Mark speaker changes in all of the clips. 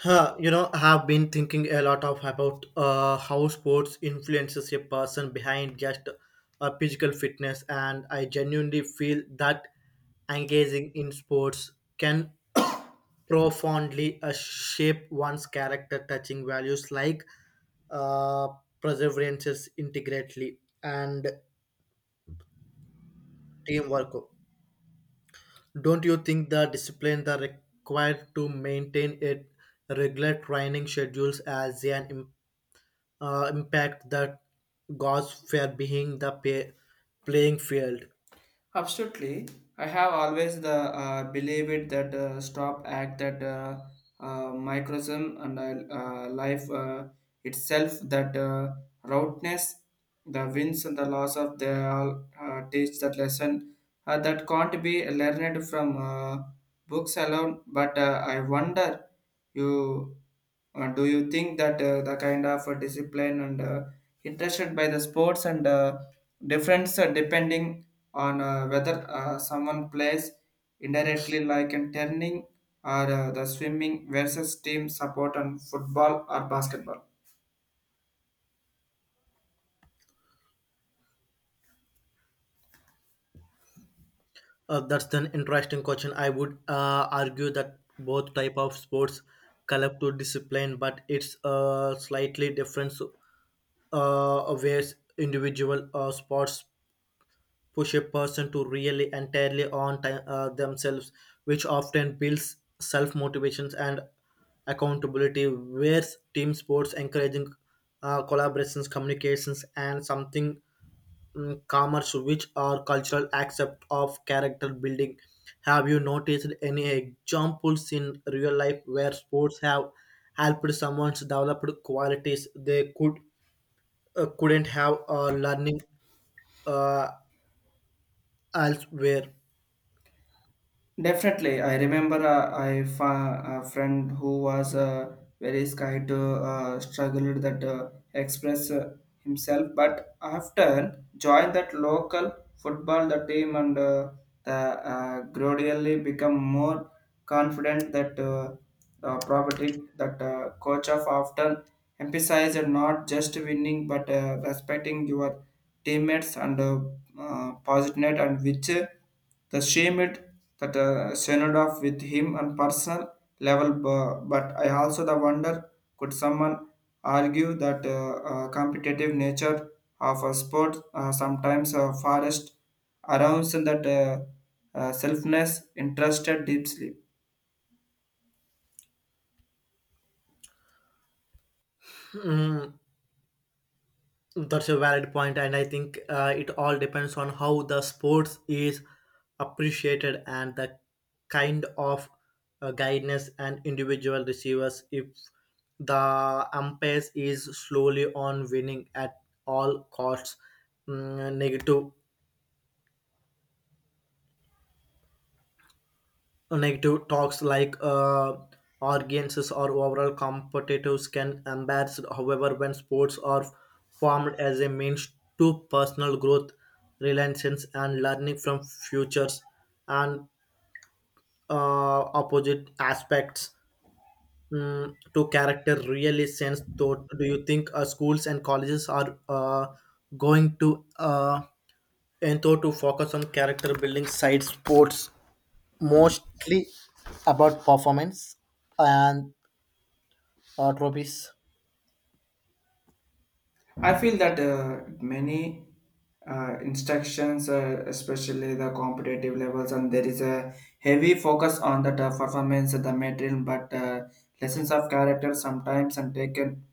Speaker 1: I have been thinking a lot of about how sports influences a person behind just physical fitness, and I genuinely feel that engaging in sports can profoundly shape one's character, touching values like uh, perseverance, integrity, and teamwork. Don't you think the discipline that required to maintain a regular training schedules as an impact that goes fair being the pay, playing field
Speaker 2: Absolutely, I have always the believed that stop act that microcosm and life itself that roughness, the wins and the loss of they all teach that lesson that can't be learned from. Books alone but I wonder you do you think that the kind of discipline and interested by the sports and difference depending on whether someone plays indirectly like in turning or the swimming versus team support and football or basketball?
Speaker 1: that's an interesting question. I would argue that both type of sports collect to discipline, but it's slightly different ways. Individual sports push a person to really entirely on themselves, which often builds self motivations and accountability. Whereas team sports encouraging collaborations, communications, and something commerce, which are cultural accept of character building. Have you noticed any examples in real life where sports have helped someone's developed qualities they couldn't have learning uh, elsewhere?
Speaker 2: Definitely, I remember I a friend who was very scared to struggled that express himself, but after joined that local football the team and the gradually become more confident that property that coach of often emphasized not just winning but respecting your teammates and positive and which the shame it that shined off with him on personal level. But I also the wonder could someone argue that competitive nature of a sport sometimes forest arounds that selfness interested deeply.
Speaker 1: Mm, that's a valid point, and I think it all depends on how the sports is appreciated and the kind of guidance an individual receivers. If the umpires is slowly on winning at all costs, mm, negative Negative talks like audiences or overall competitors can embarrass. However, when sports are formed as a means to personal growth, relations, and learning from futures and opposite aspects to character really sense. Thought. Do you think schools and colleges are going to and thought to focus on character building side sports, mostly about performance and trophies?
Speaker 2: I feel that many instructions, especially the competitive levels, and there is a heavy focus on the performance, of the material, but lessons of character sometimes and taken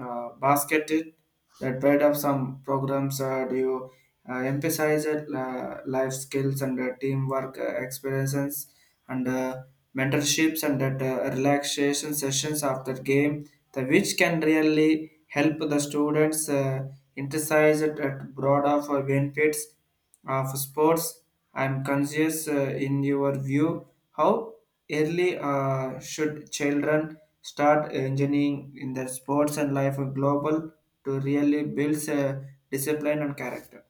Speaker 2: basketed that part of some programs. Do you emphasize it, life skills and teamwork experiences? And mentorships and that relaxation sessions after game the which can really help the students emphasize it at broad of benefits of sports. I'm conscious, in your view, how early should children start engineering in their sports and life global to really build discipline and character?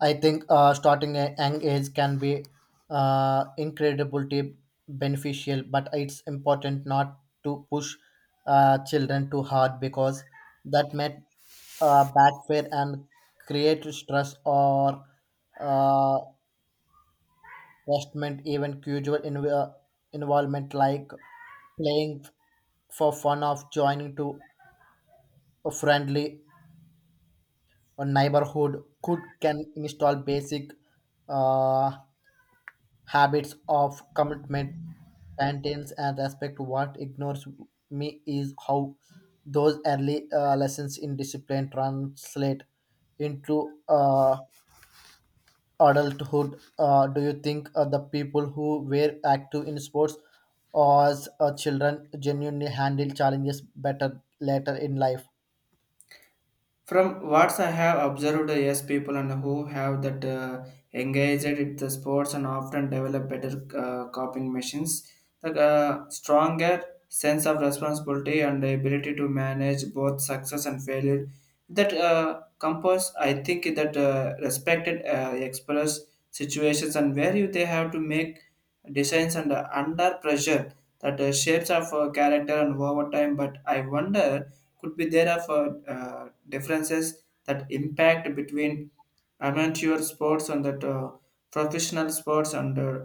Speaker 1: I think starting a young age can be incredibly beneficial, but it's important not to push children too hard because that may backfire and create stress or uh, investment. Even casual involvement like playing for fun of joining to a friendly or neighborhood could can install basic uh, habits of commitment maintains and respect. What ignores me is how those early lessons in discipline translate into uh, adulthood. Do you think the people who were active in sports as children genuinely handle challenges better later in life?
Speaker 2: From what I have observed, yes, people and who have that engaged in the sports and often develop better coping machines, the stronger sense of responsibility and the ability to manage both success and failure that compass. I think that respected explores situations and where you they have to make decisions and under pressure that shapes of character and over time. But I wonder could be there of differences that impact between amateur sports and that professional sports and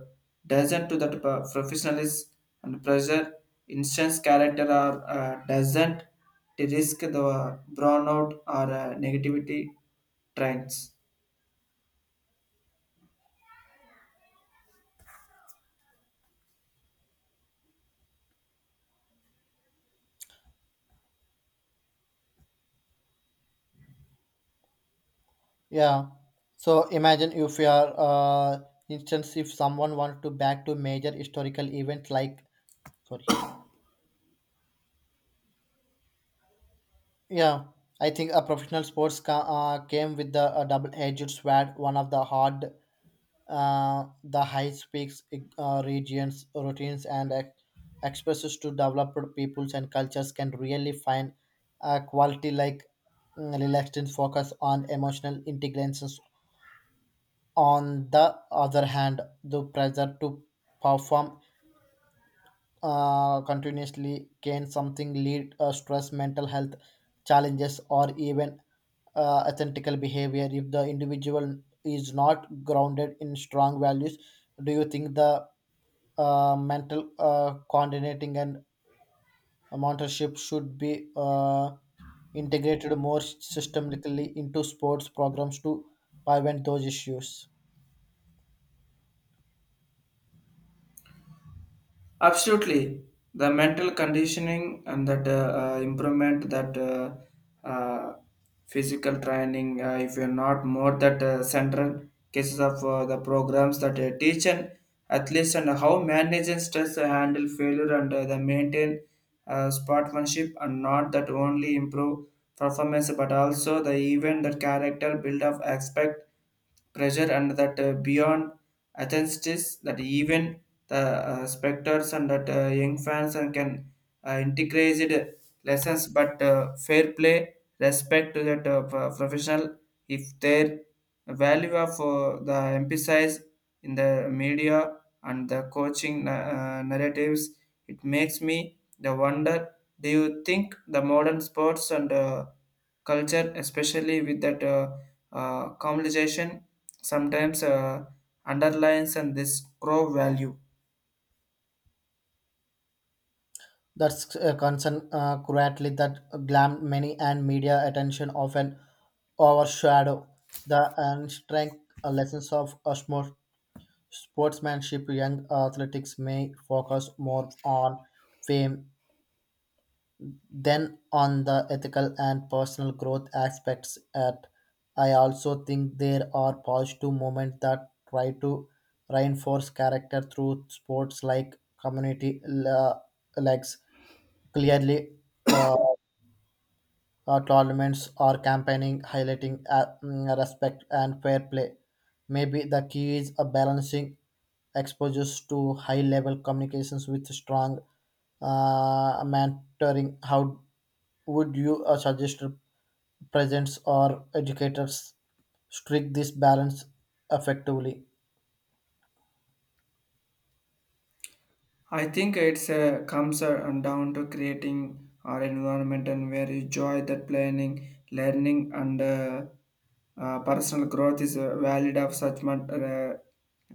Speaker 2: doesn't to that professionalism and pressure instance character or doesn't to risk the burnout or negativity trends.
Speaker 1: Yeah. So imagine if you are, instance, if someone wants to back to major historical events like, sorry. Yeah. I think a professional sports came with the double-edged sword. One of the hard, the high speaks regions, routines, and expresses to developed peoples and cultures can really find a quality like relaxed and focus on emotional intelligence. On the other hand, the pressure to perform continuously can something lead stress, mental health challenges, or even ethical behavior if the individual is not grounded in strong values. Do you think the mental coordinating and mentorship should be integrated more systemically into sports programs to prevent those issues?
Speaker 2: Absolutely, the mental conditioning and that improvement, that uh, physical training. If you're not more that central cases of the programs that teach and athletes and how manage and stress, handle failure, and the maintain sportsmanship, and not that only improve performance, but also the even that character build up aspect pressure and that beyond Athens is that even the spectators and that young fans and can integrate lessons, but fair play, respect to that professional, if their value of the emphasize in the media and the coaching narratives, it makes me the wonder. Do you think the modern sports and culture, especially with that commercialization, sometimes underlines and this grow value.
Speaker 1: That's a concern quietly that glam many and media attention often overshadow the and unstrength lessons of a sportsmanship. Young athletics may focus more on fame than on the ethical and personal growth aspects. At I also think there are positive moments that try to reinforce character through sports like community legs. Clearly, uh, tournaments or campaigning highlighting respect and fair play. Maybe the key is a balancing exposures to high level communications with strong mentoring. How would you suggest presents or educators strike this balance effectively?
Speaker 2: I think it's comes down to creating our environment and where you enjoy that planning, learning, and personal growth is valid of such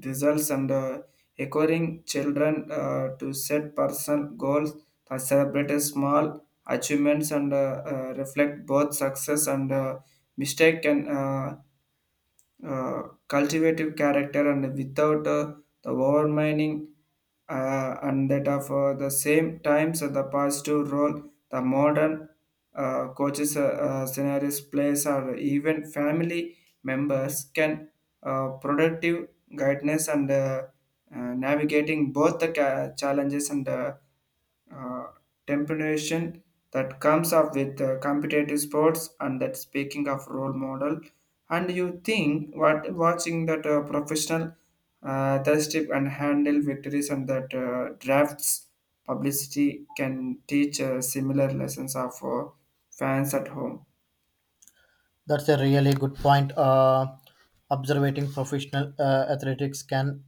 Speaker 2: results and encouraging children to set personal goals that celebrate a small achievements and reflect both success and mistake and cultivative character and without the overmining and that of the same times and the positive role the modern coaches scenarios plays or even family members can productive guidance and navigating both the challenges and uh, temptation that comes up with competitive sports and that speaking of role model and you think what watching that professional thirsty and handle victories and that drafts publicity can teach similar lessons of fans at home.
Speaker 1: That's a really good point. Observating professional athletics can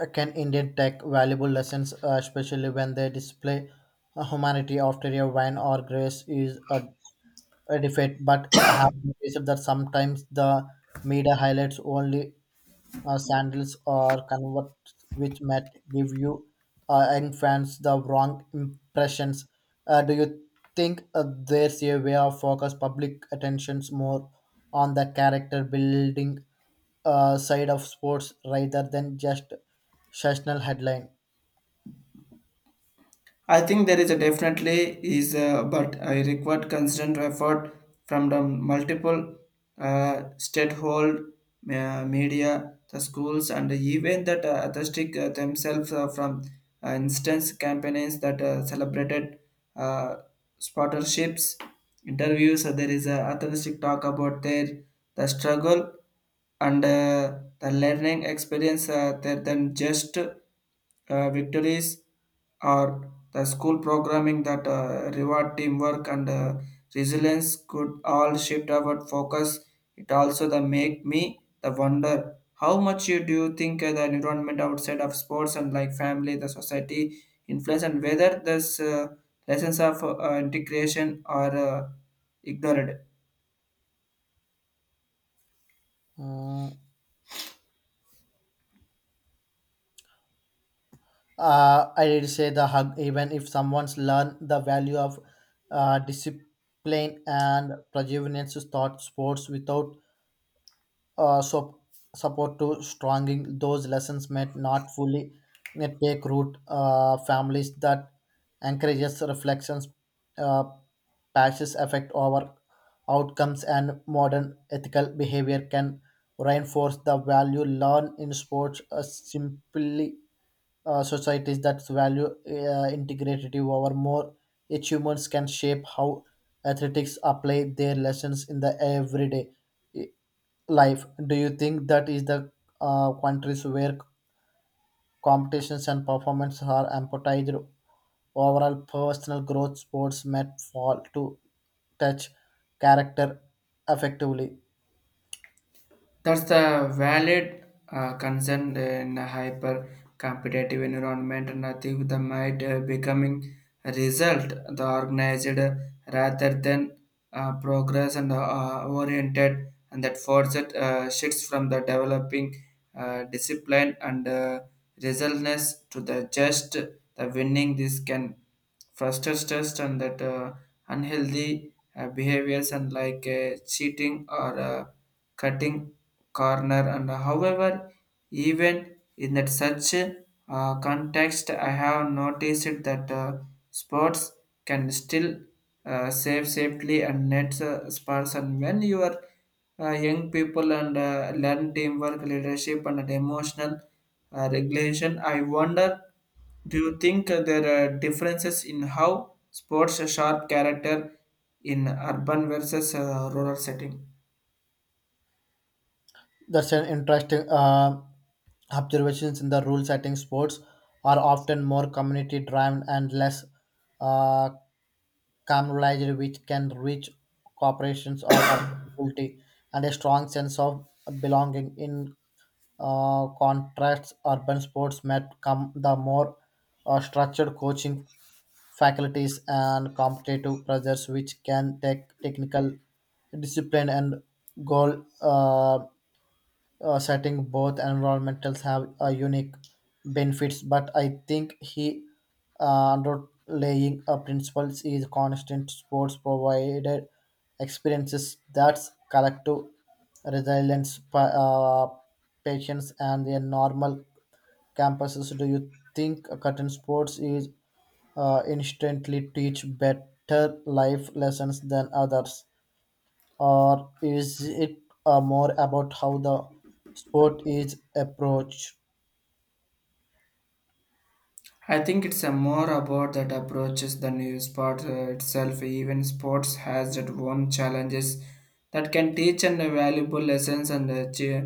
Speaker 1: uh, can indeed take valuable lessons, especially when they display humanity after a wine or grace is a defeat. But I have noticed that sometimes the media highlights only sandals or convert which might give you and the wrong impressions. Do you think there's a way of focus public attentions more on the character building side of sports rather than just sessional headline?
Speaker 2: I think there is a definitely is, but I required constant effort from the multiple stakehold media, the schools, and even that artistic themselves from instance campaigns that celebrated uh, sponsorships, interviews. There is a artistic talk about their the struggle and the learning experience there than just victories or the school programming that reward teamwork and resilience could all shift our focus. It also the make me the wonder how much you do you think the environment outside of sports and like family the society influence and whether this lessons of integration are ignored.
Speaker 1: Mm, I did say the hug, even if someone's learned the value of discipline and perseverance to start sports without so support to stronging those lessons may not fully may take root. Families that encourages reflections uh, patches affect our outcomes and modern ethical behavior can reinforce the value learned in sports simply. Societies that value integrity over more achievements can shape how athletics apply their lessons in the everyday life. Do you think that is the countries where competitions and performance are emphasized overall personal growth sports met fall to touch character effectively?
Speaker 2: That's the valid concern in a hyper competitive environment, and I think that might becoming a result the organized rather than progress and oriented, and that forces shifts from the developing discipline and resultness to the just the winning. This can frustrate stress and that unhealthy behaviors and like cheating or cutting corner and however even in that such context. I have noticed that sports can still save safely and net sparse and when you are young people and learn teamwork leadership and emotional regulation. I wonder, do you think there are differences in how sports sharp character in urban versus rural setting?
Speaker 1: That's an interesting observations. In the rule setting, sports are often more community driven and less uh, communalized, which can reach corporations or adaptability and a strong sense of belonging. In contrasts, urban sports might come the more structured coaching faculties and competitive pressures which can take technical discipline and goal setting. Both environmentals have unique benefits, but I think he underlying principles is constant. Sports provided experiences that's collective resilience, patience and the normal campuses. Do you think curtain sports is instantly teach better life lessons than others, or is it more about how the sport is approached?
Speaker 2: I think it's a more about that approaches than you sport itself. Even sports has its own challenges that can teach and valuable lessons. And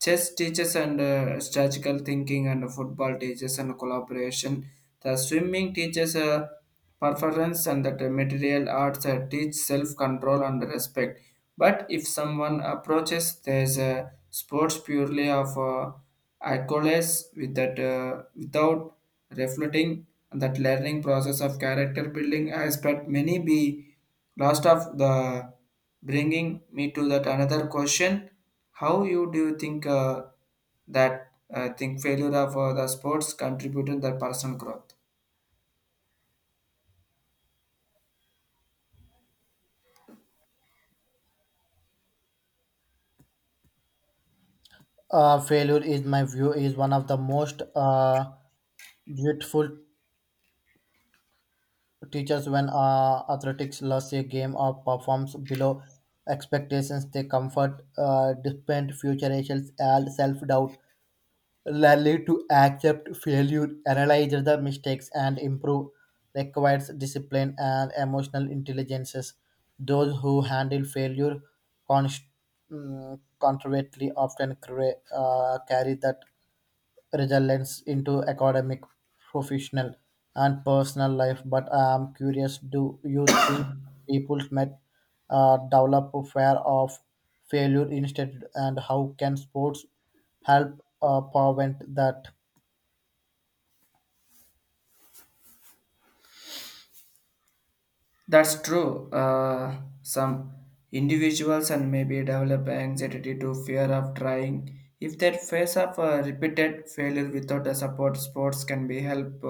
Speaker 2: chess teaches and strategical thinking, and football teaches and collaboration. The swimming teaches performance, and that material arts teach self control and respect. But if someone approaches there's a sports purely of acquiesce with that without reflecting that learning process of character building aspect many be lost of the bringing me to that another question. How you do you think that think failure of the sports contributed the personal growth?
Speaker 1: Failure is my view is one of the most beautiful teachers. When athletics lost a game or performs below expectations, they comfort depend future self doubt. Learning to accept failure, analyze the mistakes, and improve requires discipline and emotional intelligences. Those who handle failure const- controvertly often carry that resilience into academic, professional, and personal life. But I am curious, do you think people might develop a fear of failure instead, and how can sports help prevent that?
Speaker 2: That's true. Some individuals and maybe develop anxiety to fear of trying. If they face of a repeated failure without a support, sports can be help.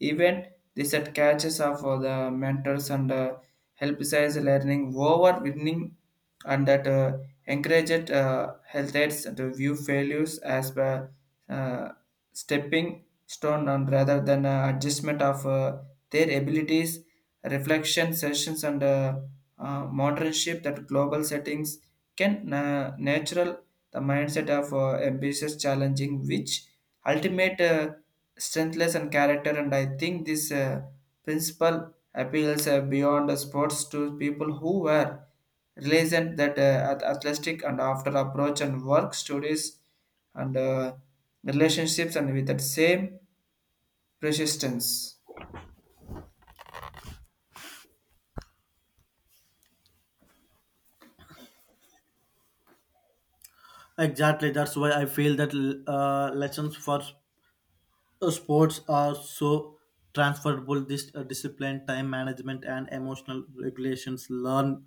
Speaker 2: Even this at catches of the mentors and help size learning over winning, and that encouraged health aides to view failures as uh, stepping stone and rather than adjustment of their abilities. Reflection sessions and modernship that global settings can natural the mindset of ambitious challenging which ultimate strengthless and character. And I think this principle appeals beyond the sports to people who were Relation that at athletic and after approach and work studies and relationships and with that same persistence.
Speaker 1: Exactly. That's why I feel that lessons for sports are so transferable. This discipline, time management, and emotional regulations learned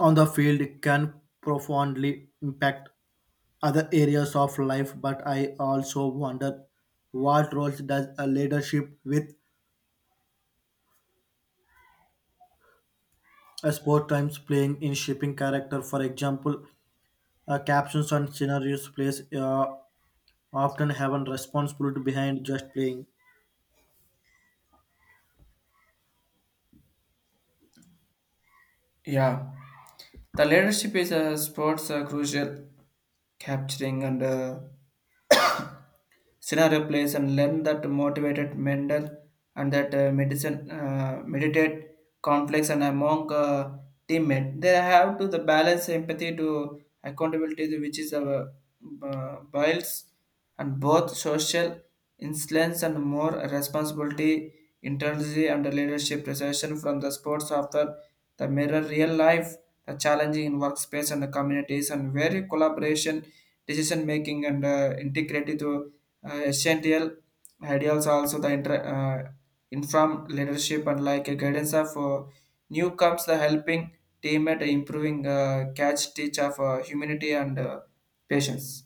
Speaker 1: on the field can profoundly impact other areas of life. But I also wonder, what roles does a leadership with a sport times playing in shaping character? For example, captions on scenarios plays often have a responsibility behind just playing.
Speaker 2: Yeah, the leadership is a sports crucial capturing and scenario plays and learn that motivated mental and that medicine meditate conflicts and among teammate. They have to the balance empathy to accountability which is our biles and both social influence and more responsibility internally. And the leadership recession from the sports after that mirror real life, the challenging in workspace and the communities, and where collaboration, decision making, and integrated to essential ideals also the informed leadership and like a guidance of new comes the helping team at improving catch teach of humanity and patience.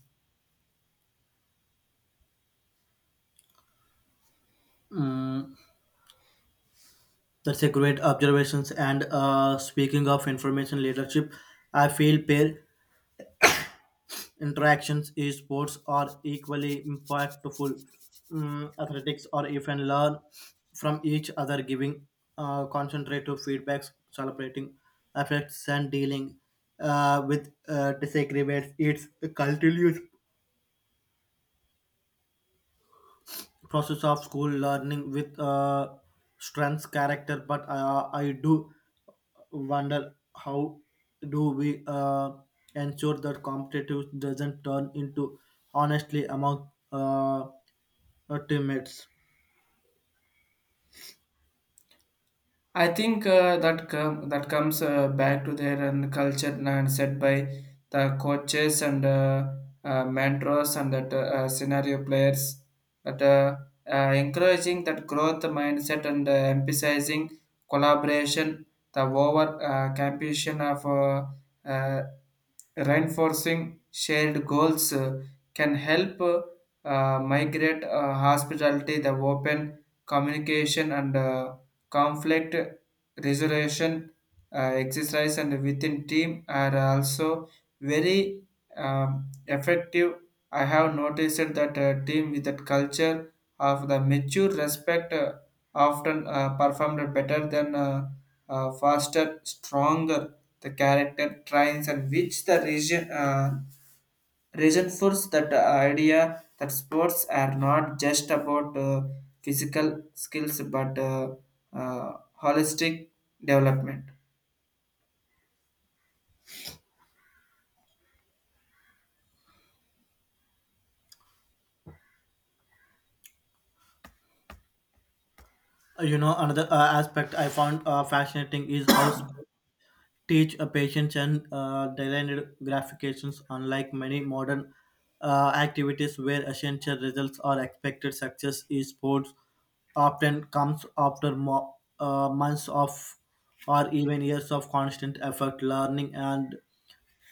Speaker 1: Mm, that's a great observations. And speaking of information leadership, I feel pair Interactions, esports are equally impactful. Mm, athletics or even learn from each other, giving concentrative feedbacks, celebrating effects, and dealing with disagreements. It's a continuous process of school learning with strengths, character. But I do wonder, how do we ensure that competitive doesn't turn into honestly among teammates.
Speaker 2: I think that comes back to their and culture and set by the coaches and mentors and that scenario players that encouraging that growth mindset and emphasizing collaboration, the over competition of uh, reinforcing shared goals can help migrate hospitality, the open communication and conflict resolution exercise and within team are also very effective. I have noticed that a team with that culture of the mature respect often performed better than faster stronger the character trains and which the region reinforce that idea that sports are not just about physical skills but uh, holistic development.
Speaker 1: Another aspect I found fascinating is how sports teach a patience and designed gratifications. Unlike many modern activities where essential results are expected, success in sports often comes after months of or even years of constant effort, learning and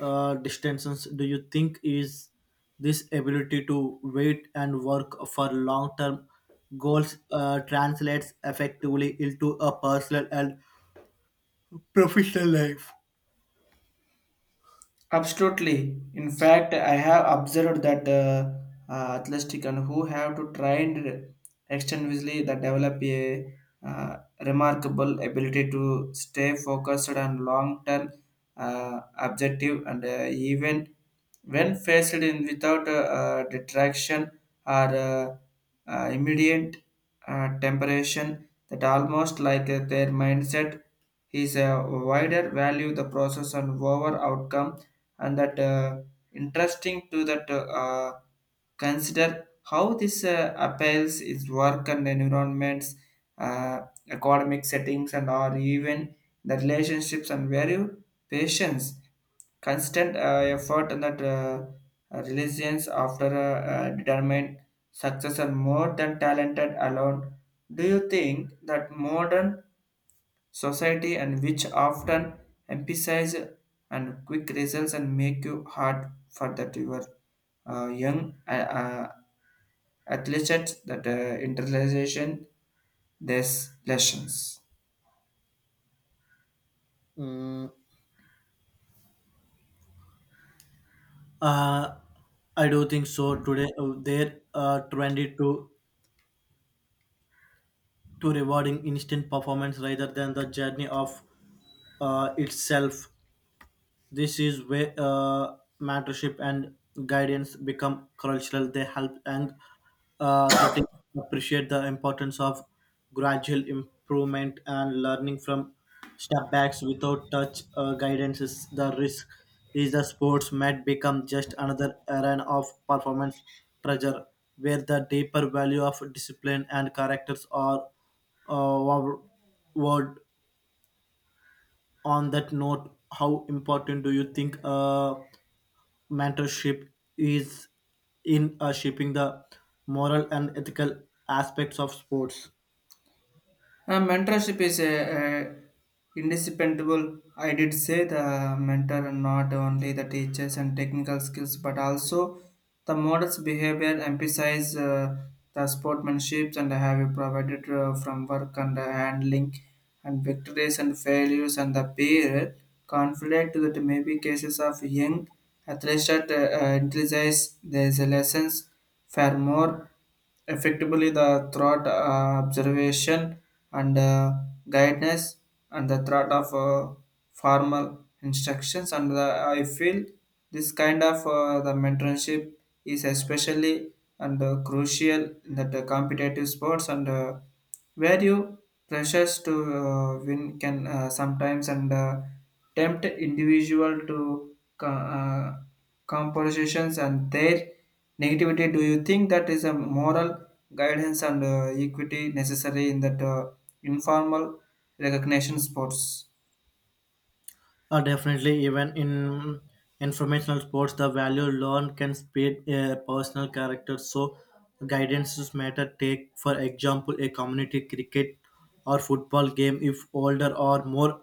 Speaker 1: distances. Do you think is this ability to wait and work for long term goals translates effectively into a personal and professional life?
Speaker 2: Absolutely. In fact, I have observed that athletic and who have to train extensively that develop a uh, remarkable ability to stay focused on long-term objective and even when faced in without detraction or uh, immediate temperation that almost like their mindset is a wider value the process and over outcome and that interesting to that consider how this appeals its work and environments uh, economic settings and or even the relationships and value patience constant effort and that resilience after a, determined success are more than talented alone. Do you think that modern society and which often emphasize and quick results and make you hard for that you are young uh, athlete that internalization these lessons?
Speaker 1: Uh, I do think so. Today, they're trendy to rewarding instant performance rather than the journey of itself. This is where mentorship and guidance become cultural. They help young athletes appreciate the importance of gradual improvement and learning from step backs. Without touch guidance is the risk is the sports might become just another arena of performance pressure where the deeper value of discipline and characters are uh, word. On that note, how important do you think mentorship is in shaping the moral and ethical aspects of sports?
Speaker 2: Mentorship is a indispensable. I did say the mentor not only the teachers and technical skills, but also the model's behavior emphasize the sportsmanship and have provided from work and handling and victories and failures and the peer conflict that may be cases of young athletes that emphasize there's a lessons for more effectively the thought observation and guidance and the thought of formal instructions and the, I feel this kind of the mentorship is especially and crucial in the competitive sports and where you pressures to win can sometimes and tempt individual to compositions and their negativity. Do you think that is a moral guidance and equity necessary in that informal recognition sports?
Speaker 1: Definitely, even in informational sports, the value learned can speed a personal character. So, guidances matter. Take, for example, a community cricket or football game. If older or more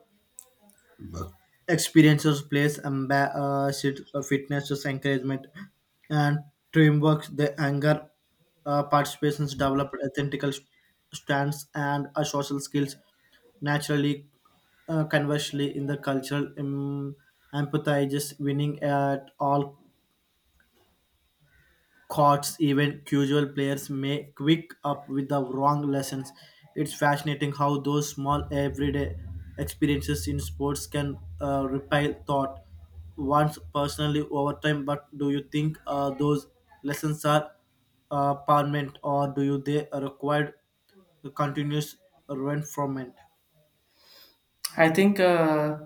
Speaker 1: experiences place ambassador fitness just encouragement and teamwork, the anger participations develop ethical stands and social skills naturally. Conversely, in the cultural empathizes winning at all courts, even casual players may quick up with the wrong lessons. It's fascinating how those small everyday experiences in sports can repel thought once personally over time. But do you think those lessons are permanent, or do you they are required continuous reinforcement?
Speaker 2: I think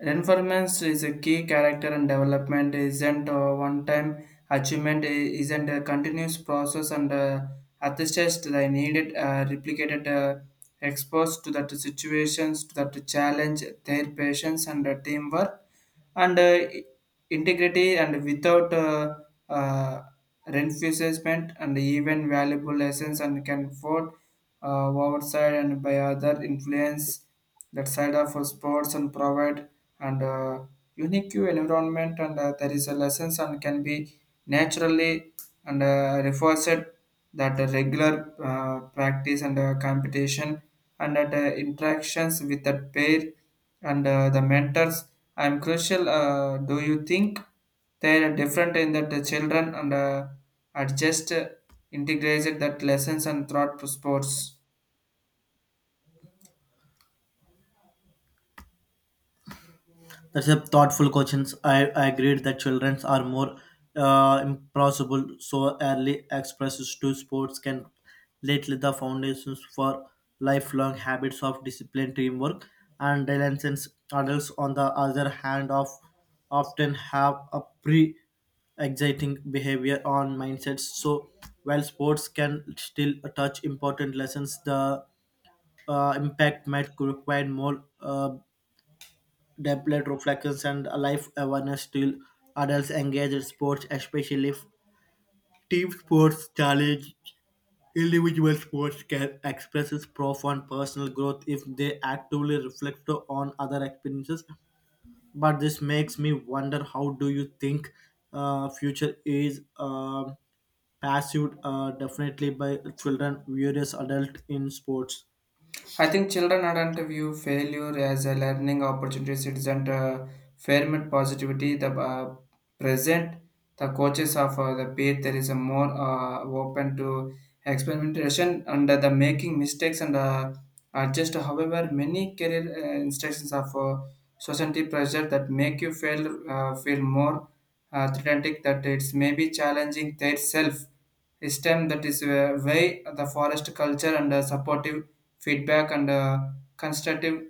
Speaker 2: Renformance is a key character and development isn't a one-time achievement, isn't a continuous process and attest the needed replicated exposed to that situations, to that challenge, their patience and teamwork and integrity and without uh, reinforcement and even valuable lessons and can afford oversight and by other influence that side of sports and provide and unique environment and there is a lessons and can be naturally and reinforced that a regular practice and competition and that interactions with that pair and the mentors. I am crucial, do you think they are different in that the children and adjust integrated that lessons and thought to sports?
Speaker 1: That's a thoughtful questions. I agreed that children are more impossible, so early expresses to sports can lay the foundations for lifelong habits of discipline, teamwork, and resilience. Adults, on the other hand, of often have a pre exciting behavior on mindsets. So, while sports can still touch important lessons, the impact might require more depth reflections and life awareness. Still, adults engage in sports, especially if team sports challenge individual sports can express its profound personal growth if they actively reflect on other experiences. But this makes me wonder, how do you think future is pursued definitely by children various adults in sports?
Speaker 2: I think children aren't view failure as a learning opportunity. It isn't a ferment positivity. The present, the coaches of the beat, there is a more open to experimentation and the making mistakes and adjust. However, many career instructions of society pressure that make you feel more threatening that it's maybe challenging their self. This that is why the forest culture and supportive feedback and constructive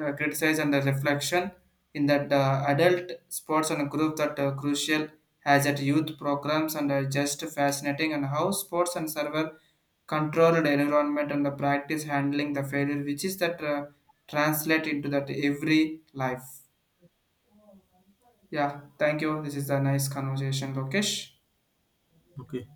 Speaker 2: criticism and the reflection in that adult sports and group that crucial has at youth programs and are just fascinating and how sports and server controlled environment and the practice handling the failure which is that translate into that every life. Yeah, thank you, this is a nice conversation, Lokesh.
Speaker 1: Okay.